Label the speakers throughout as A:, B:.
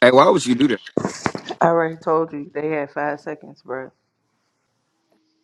A: Hey, why would you do that?
B: I already told you they had five seconds, bro.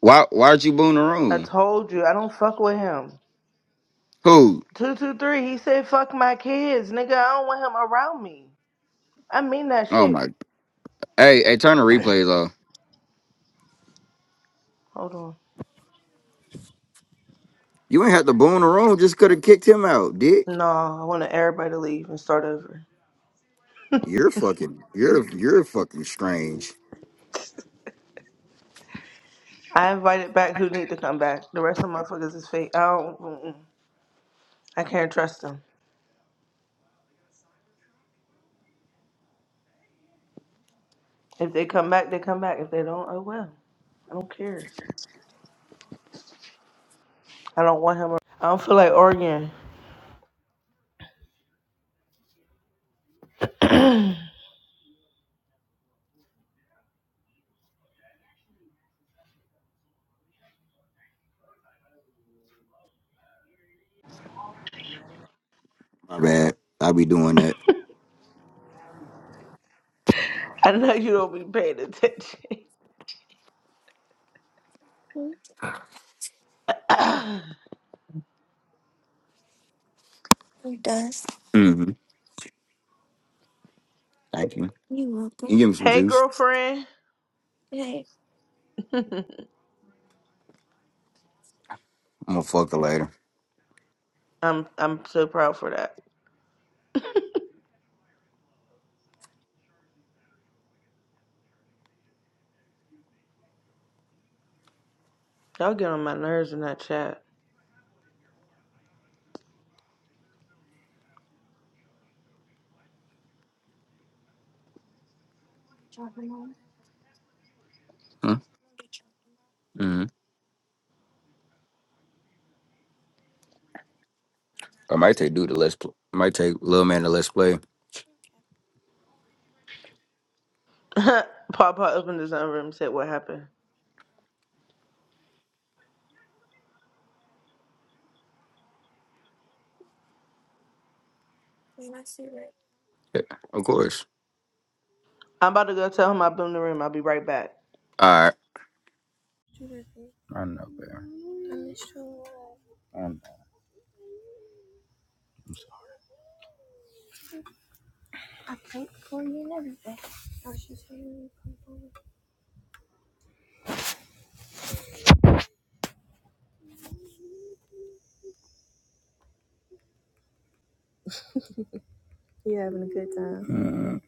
A: Why why'd you boom the
B: I
A: room?
B: told you I don't fuck with him.
A: Who?
B: Two two three. He said fuck my kids, nigga. I don't want him around me. I mean that
A: Oh
B: shit.
A: my Hey, hey, turn the replays off.
B: Hold on.
A: You ain't had to boom the room, just could have kicked him out, dick.
B: No, I wanted everybody to leave and start over.
A: You're fucking you're you're fucking strange.
B: I invited back who need to come back. The rest of my fuckers is fake. I don't. Mm-mm. I can't trust them. If they come back, they come back. If they don't, oh well. I don't care. I don't want him. ar- I don't feel like arguing.
A: My bad. I be doing that.
B: I know you don't be paying attention.
A: Mm-hmm. Thank you. You welcome. You give me some
B: hey,
A: juice.
B: girlfriend.
A: I'm gonna fuck her later.
B: I'm I'm so proud for that. Y'all get on my nerves in that chat.
A: Huh? Mm-hmm. I might take dude to let's play. I might take little man to let's play.
B: Papa opened his own room and said, What happened?
A: Yeah, of course.
B: I'm about to go tell him I boomed the room. I'll be right back.
A: All right. I know, man. I know. Mm.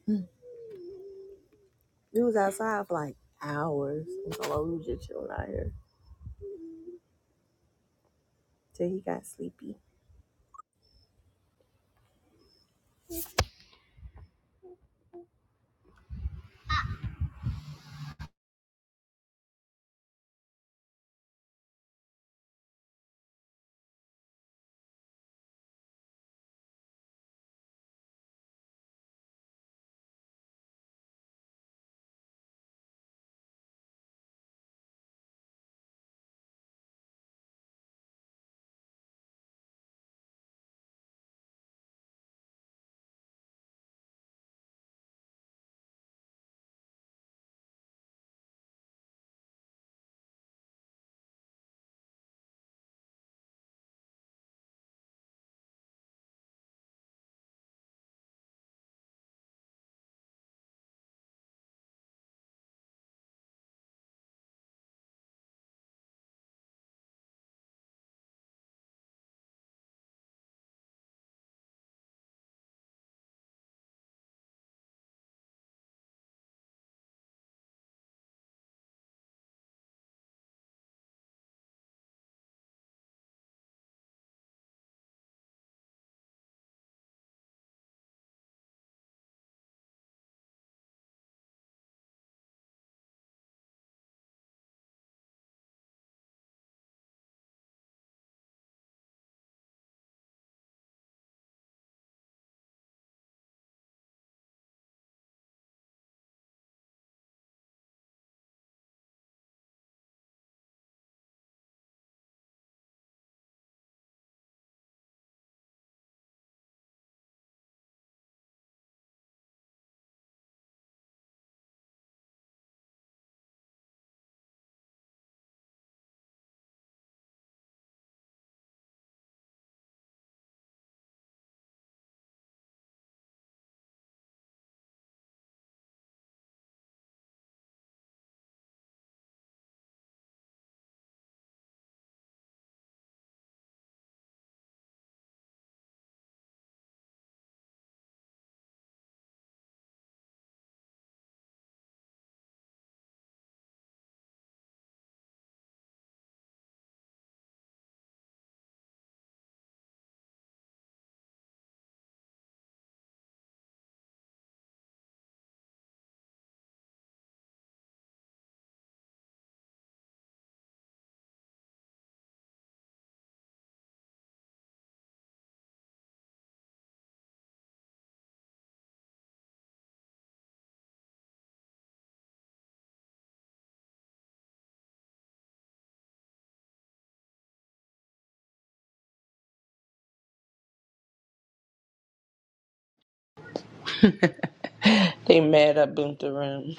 B: They mad I boomed the room.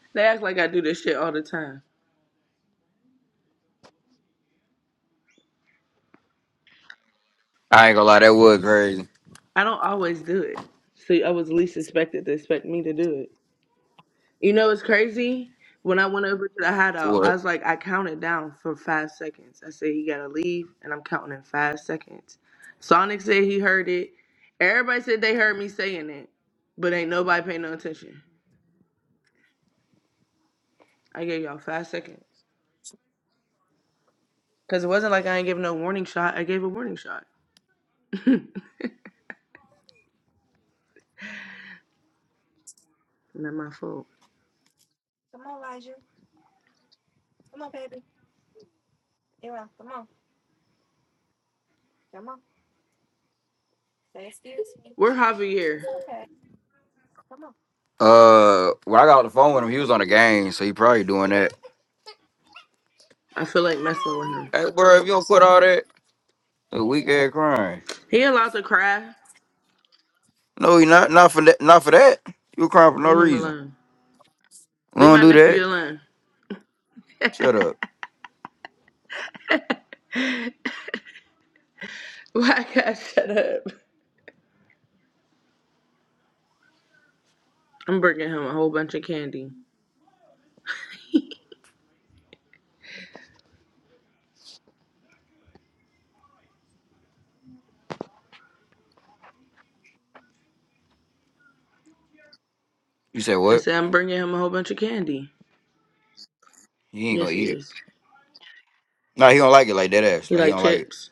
B: they act like I do this shit all the time.
A: I ain't gonna lie, that was crazy.
B: I don't always do it. See, I was least expected to expect me to do it. You know, it's crazy. When I went over to the hideout,
A: What?
B: I was like, I counted down for five seconds. I said, you gotta leave, and I'm counting in five seconds. Sonic said he heard it. Everybody said they heard me saying it, but ain't nobody paying no attention. I gave y'all five seconds. Because it wasn't like I ain't giving no warning shot. I gave a warning shot. Not my fault. We're Javier.
A: Uh, when I got on the phone with him, he was on the game, so he probably doing that.
B: I feel like messing with him.
A: Hey, bro, if you don't quit all that, a weak ass crying.
B: He allowed to cry.
A: No, he not. Not for that. Not for that. You were crying for no
B: Leave him
A: reason.
B: alone.
A: We
B: Leave
A: don't
B: my
A: do that.
B: nephew alone.
A: Shut up.
B: Why I gotta shut up? I'm bringing him a whole bunch of candy.
A: You said
B: I
A: what?
B: said I'm bringing him a whole bunch of candy.
A: He ain't gonna
B: Yes, he
A: eat it.
B: is.
A: Nah, he don't like it like that ass.
B: He
A: Like he
B: like
A: don't like it.
B: chips.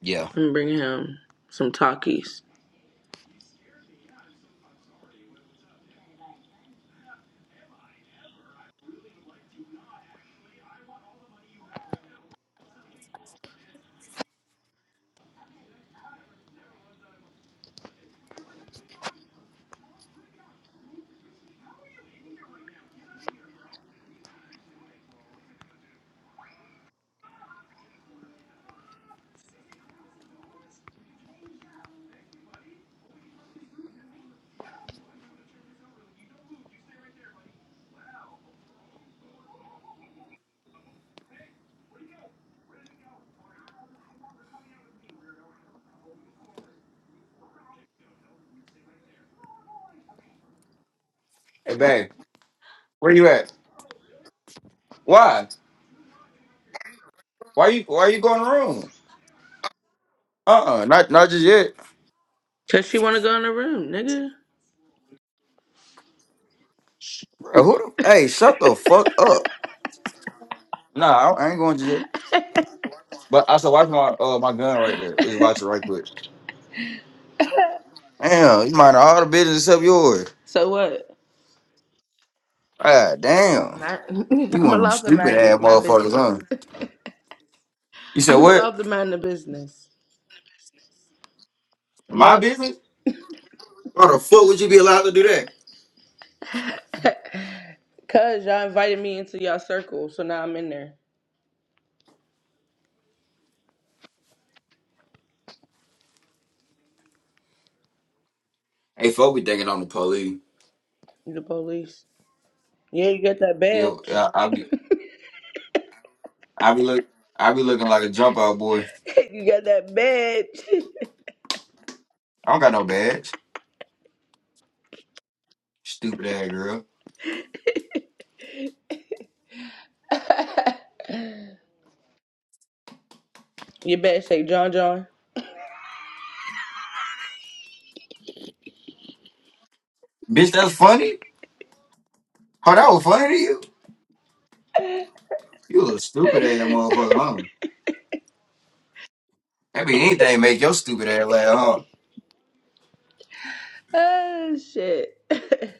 A: Yeah.
B: I'm bringing him some Takis.
A: Hey, babe, where you at? Why? Why you? Why you going to the room? Uh, uh not not just yet.
B: Cause she wanna go in the room, nigga.
A: Bro, who? The, hey, shut the fuck up. Nah, I, I ain't going just yet. But I said, watch my uh my gun right there. Just watch it right quick. Damn, you mind all the business except yours.
B: So what?
A: Ah, damn.
B: My,
A: You one
B: I'm
A: of them
B: allowed to
A: stupid
B: mind
A: ass
B: my
A: motherfuckers, huh?
B: business.
A: You said
B: I'm
A: what?
B: allowed to mind the business.
A: My
B: Yup.
A: business? Why the fuck would you be allowed to do that?
B: Cause y'all invited me into y'all circle, so now I'm in there.
A: Hey, fuck, we thinking on the police.
B: You the police. Yeah, you got that
A: Yeah,
B: badge.
A: I, I be, I be look, I be looking like a jump out boy.
B: you got that badge.
A: I don't got no badge. Stupid ass girl.
B: your badge say John John.
A: Bitch, that's funny. Oh, that was funny to you. You a little stupid ass motherfucker, huh? That be anything make your stupid ass laugh, huh?
B: Oh shit. hey,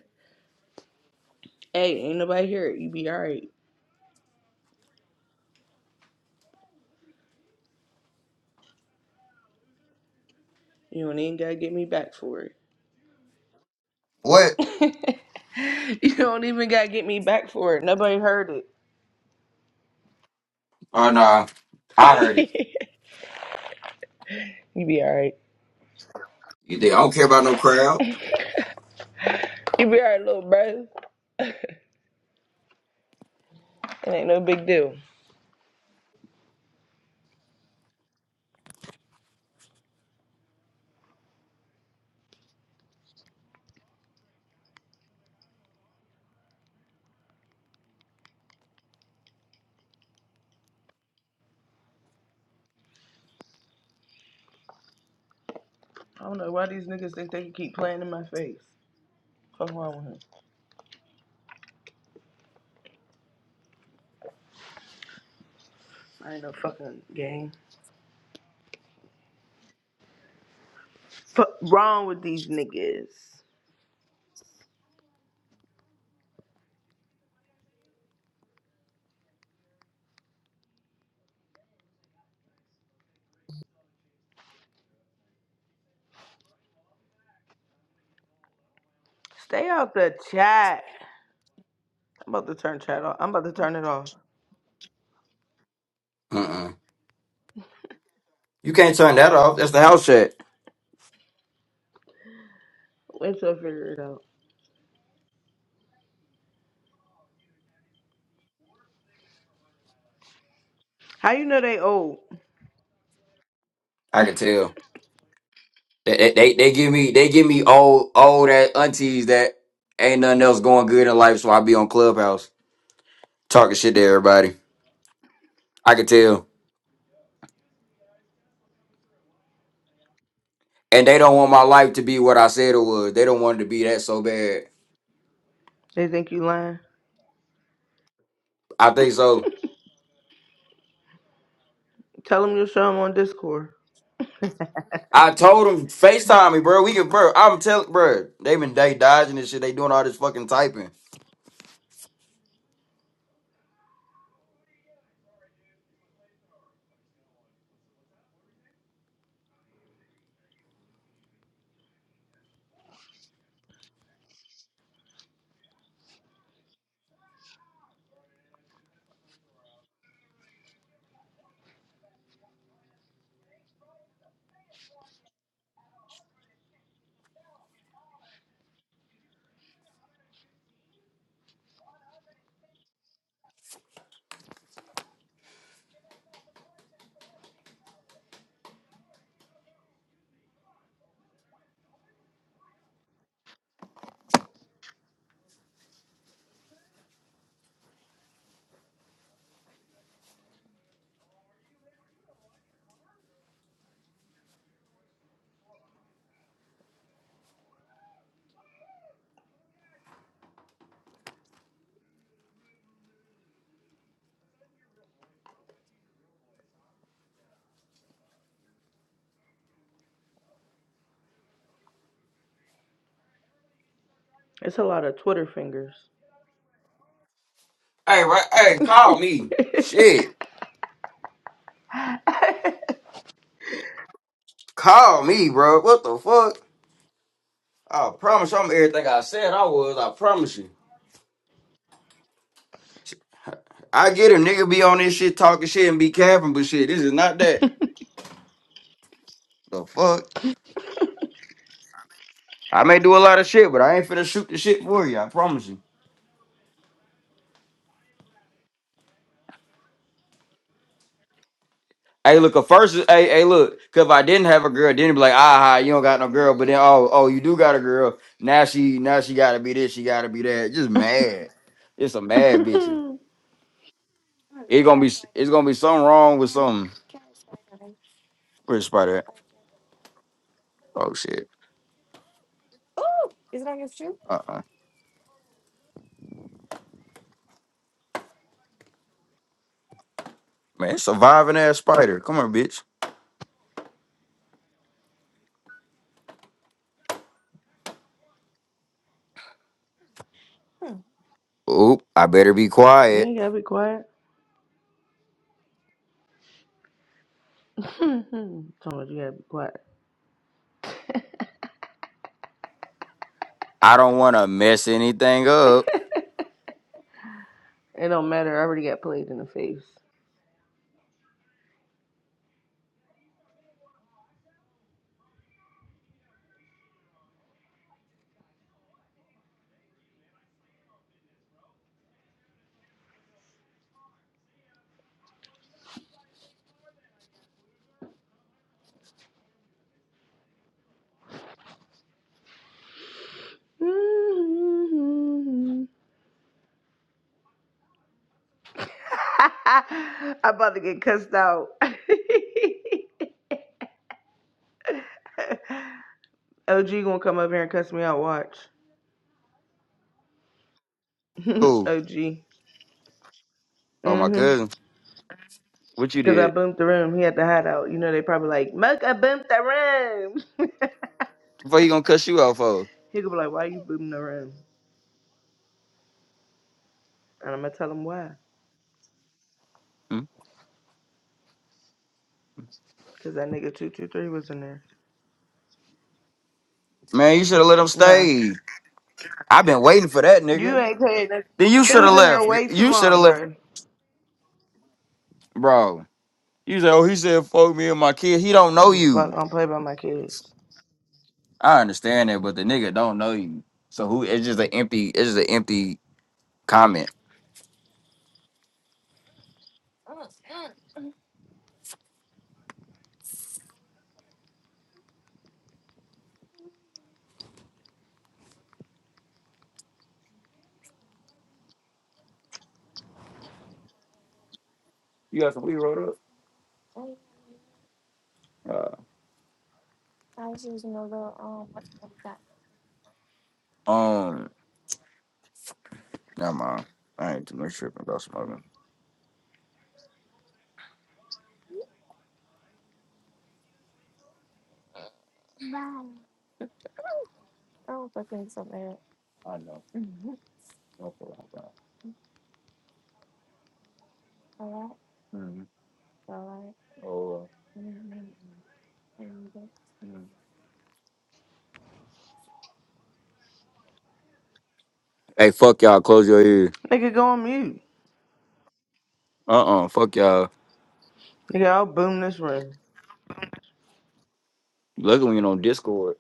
B: ain't nobody here. You be alright. You don't even gotta get me back for
A: What?
B: it. you don't even gotta get me back for it. Nobody heard it.
A: Oh nah, I heard it.
B: you be alright.
A: You think I don't care about no crowd?
B: You be alright, little bro. it ain't no big deal. I don't know why these niggas think they can keep playing in my face. Fuck wrong with him. I ain't no fucking game. Fuck wrong with these niggas. Stay out the chat. I'm about to turn chat off. I'm about to turn it off.
A: Uh. You can't turn that off. That's the house chat.
B: Wait till I figure it out. How you know they old?
A: I can tell. They, they they they give me they give me old old that aunties that ain't nothing else going good in life, so I be on Clubhouse talking shit to everybody. I can tell. And they don't want my life to be what I said it was. They don't want it to be that so bad.
B: They think you lying.
A: I think so.
B: Tell them you'll show them on Discord.
A: I told them FaceTime me, bro. We can, bro. I'm telling, bro. They been they dodging this shit. They doing all this fucking typing.
B: It's a lot of Twitter fingers.
A: Hey, right, hey, call me.
B: you
A: Shit, call me, bro. What the fuck? I promise I'm everything I said I was. I promise you. I get a nigga be on this shit talking shit and be capping, but shit, this is not that. The fuck? I may do a lot of shit, but I ain't finna shoot the shit for you. I promise you. Hey, look, at first, hey, hey, look, cause if I didn't have a girl, then it'd be like, ah, ah, you don't got no girl, but then, oh, oh, you do got a girl. Now she, now she gotta be this, she gotta be that. Just mad. It's a mad bitch. It's gonna be, it's gonna be something wrong with something. Where's the spider at? Oh shit. Uh, uh man, it's a surviving ass spider. Come on, bitch. Oop, I better be quiet.
B: ain't gotta be quiet. Tell me you gotta be quiet.
A: I don't want to mess anything up.
B: It don't matter. I already got played in the face. I'm about to get cussed out. OG gonna come up here and cuss me out. Watch.
A: Who?
B: OG.
A: Oh, my
B: Mhm.
A: cousin. What you
B: Cause I
A: did?
B: bumped the room. He had to hide out. You know, they probably like, Muck, I bumped the room.
A: What he gonna cuss you out for?
B: he could be like, why you booming the room? And I'm gonna tell him why.
A: Hmm?
B: Cause that nigga 223 was in there.
A: Man, you should have let him
B: Nah,
A: stay. I've been waiting for that,
B: you
A: nigga.
B: ain't played that.
A: Then you
B: He
A: should
B: was
A: have
B: in there
A: left.
B: way too
A: You should have
B: long,
A: left,
B: bro. I
A: bro. You said, oh, he said, fuck me and my kid. He don't
B: don't
A: know
B: Give a fuck,
A: you.
B: I don't play by my kids.
A: I understand that, but the nigga don't know you. So who? It's just an empty. It's just an empty comment. You got some weed rolled up? Uh, um, never mind. I ain't too much tripping about smoking. I know. No problem. Mm. Oh, uh, mm. Hey, fuck y'all. Close your ears.
B: Nigga, go on mute.
A: Uh uh Fuck y'all.
B: Nigga, I'll boom this room.
A: Luckily, we ain't on Discord.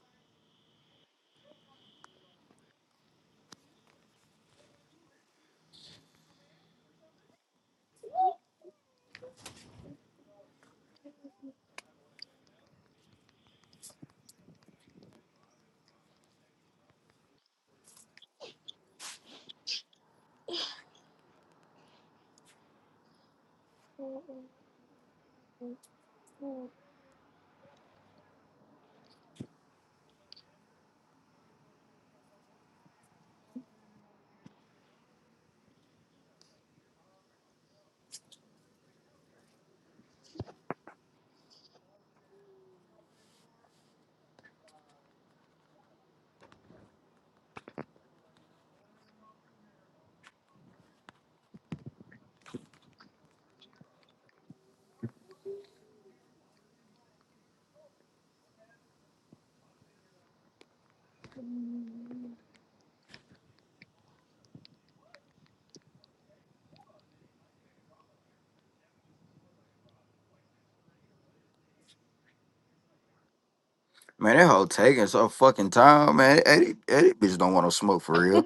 A: Man, that hoe taking so fucking time, man. Eddie, Eddie bitch don't want no smoke for real.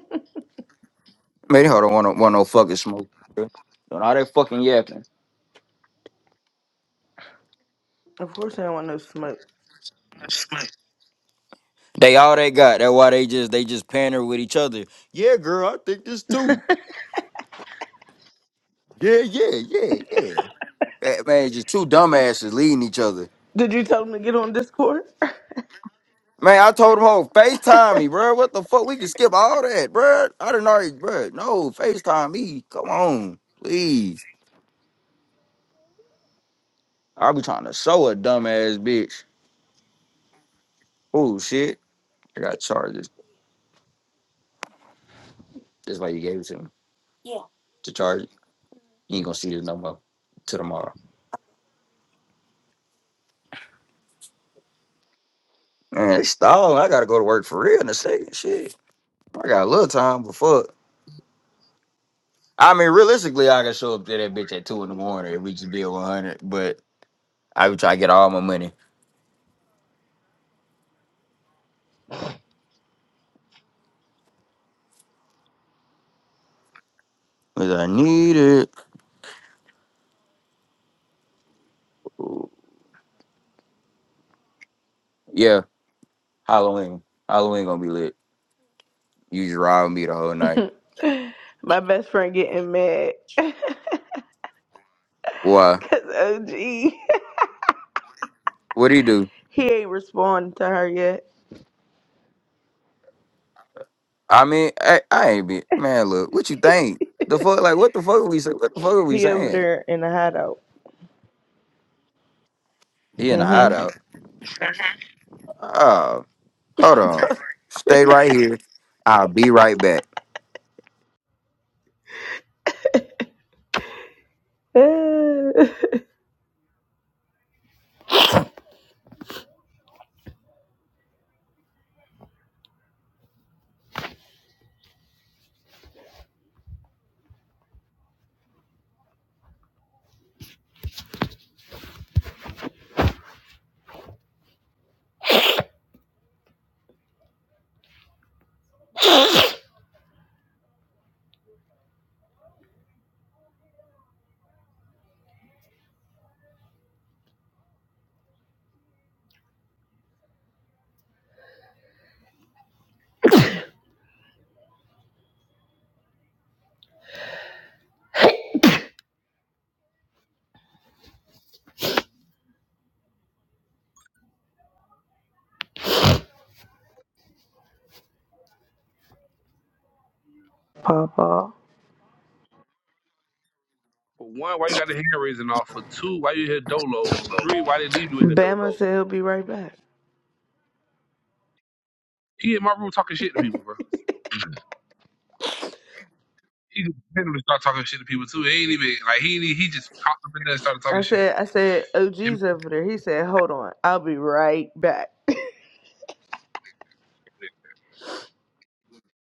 A: Man, that hoe don't want no, want no fucking smoke. for real. Don't all that fucking yapping.
B: Of course I don't want no smoke.
A: They all they got. That's why they just they just pander with each other. Yeah, girl, I think this too. Yeah, yeah, yeah, yeah. Eh, Man, just two dumbasses leading each other.
B: Did you tell him to get on Discord?
A: Man, I told him, "Ho, Facetime me, bro. What the fuck? We can skip all that, bro. I didn't already, bro. No, Facetime me. Come on, please. I be trying to show a dumbass bitch. Oh shit, I got charges. That's why you gave it to me to charge it. You ain't gonna see this no more till tomorrow. Man, it's stalling. I gotta go to work for real in a second. Shit, I got a little time, but fuck. I mean, realistically, I can show up to that bitch at two in the morning if we just be at one hundred. But I would try to get all my money because I need it. Yeah. Halloween. Halloween gonna be lit. You just ride with me the whole night.
B: my best friend getting mad.
A: Why?
B: Cause OG, he
A: What do you do?
B: ain't responding to her yet.
A: I mean, I, I ain't be man. Look, what you think? The fuck, like, what the fuck are we say? What the fuck are we
B: He over
A: saying?
B: there in the hideout.
A: He in the
B: Mm-hmm.
A: hideout. Oh, hold on. Stay right here. I'll be right back.
B: Papa.
C: For one, why you got the hand raising off? For two, why you here dolo? For three, why they leave you in here
B: Bama
C: dolo?
B: said he'll be right back.
C: He in my room talking shit to people, bro. He just randomly start talking shit to people too. He ain't even like he ain't- he just popped up in there and started talking
B: I
C: shit.
B: said, I said,
C: Him-
B: OG's over there. He said, hold on, I'll be right back.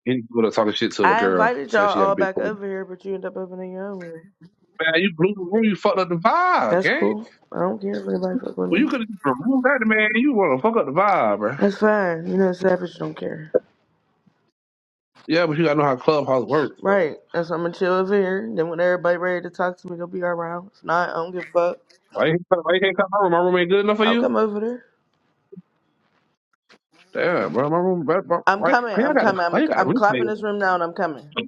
C: Any girl talking shit to a
B: I
C: girl
B: invited
C: says
B: y'all
C: she had a
B: all
C: big
B: back
C: pony.
B: over here, but you end up opening your own room.
C: Man, you blew the room. You fucked up the vibe,
B: That's
C: gang.
B: cool. I don't care if anybody fuck with
C: Well, you
B: me.
C: could have removed that, man. You want to fuck up the vibe, bro.
B: That's fine. You know, Savage don't care.
C: Yeah, but you gotta know how clubhouse works, bro.
B: Right. That's why I'm gonna chill over here. Then when everybody ready to talk to me, they'll be around. If not, I don't give a fuck.
C: Why you, can't- why you can't come to my room? My room ain't good enough for
B: I'll come
C: you.
B: over there.
C: Damn, bro. My room, bro, bro,
B: I'm
C: why,
B: coming.
C: why you
B: I'm
C: got to
B: coming.
C: why
B: I'm,
C: you got to
B: I'm
C: replay?
B: clapping this room now and I'm coming.
C: it?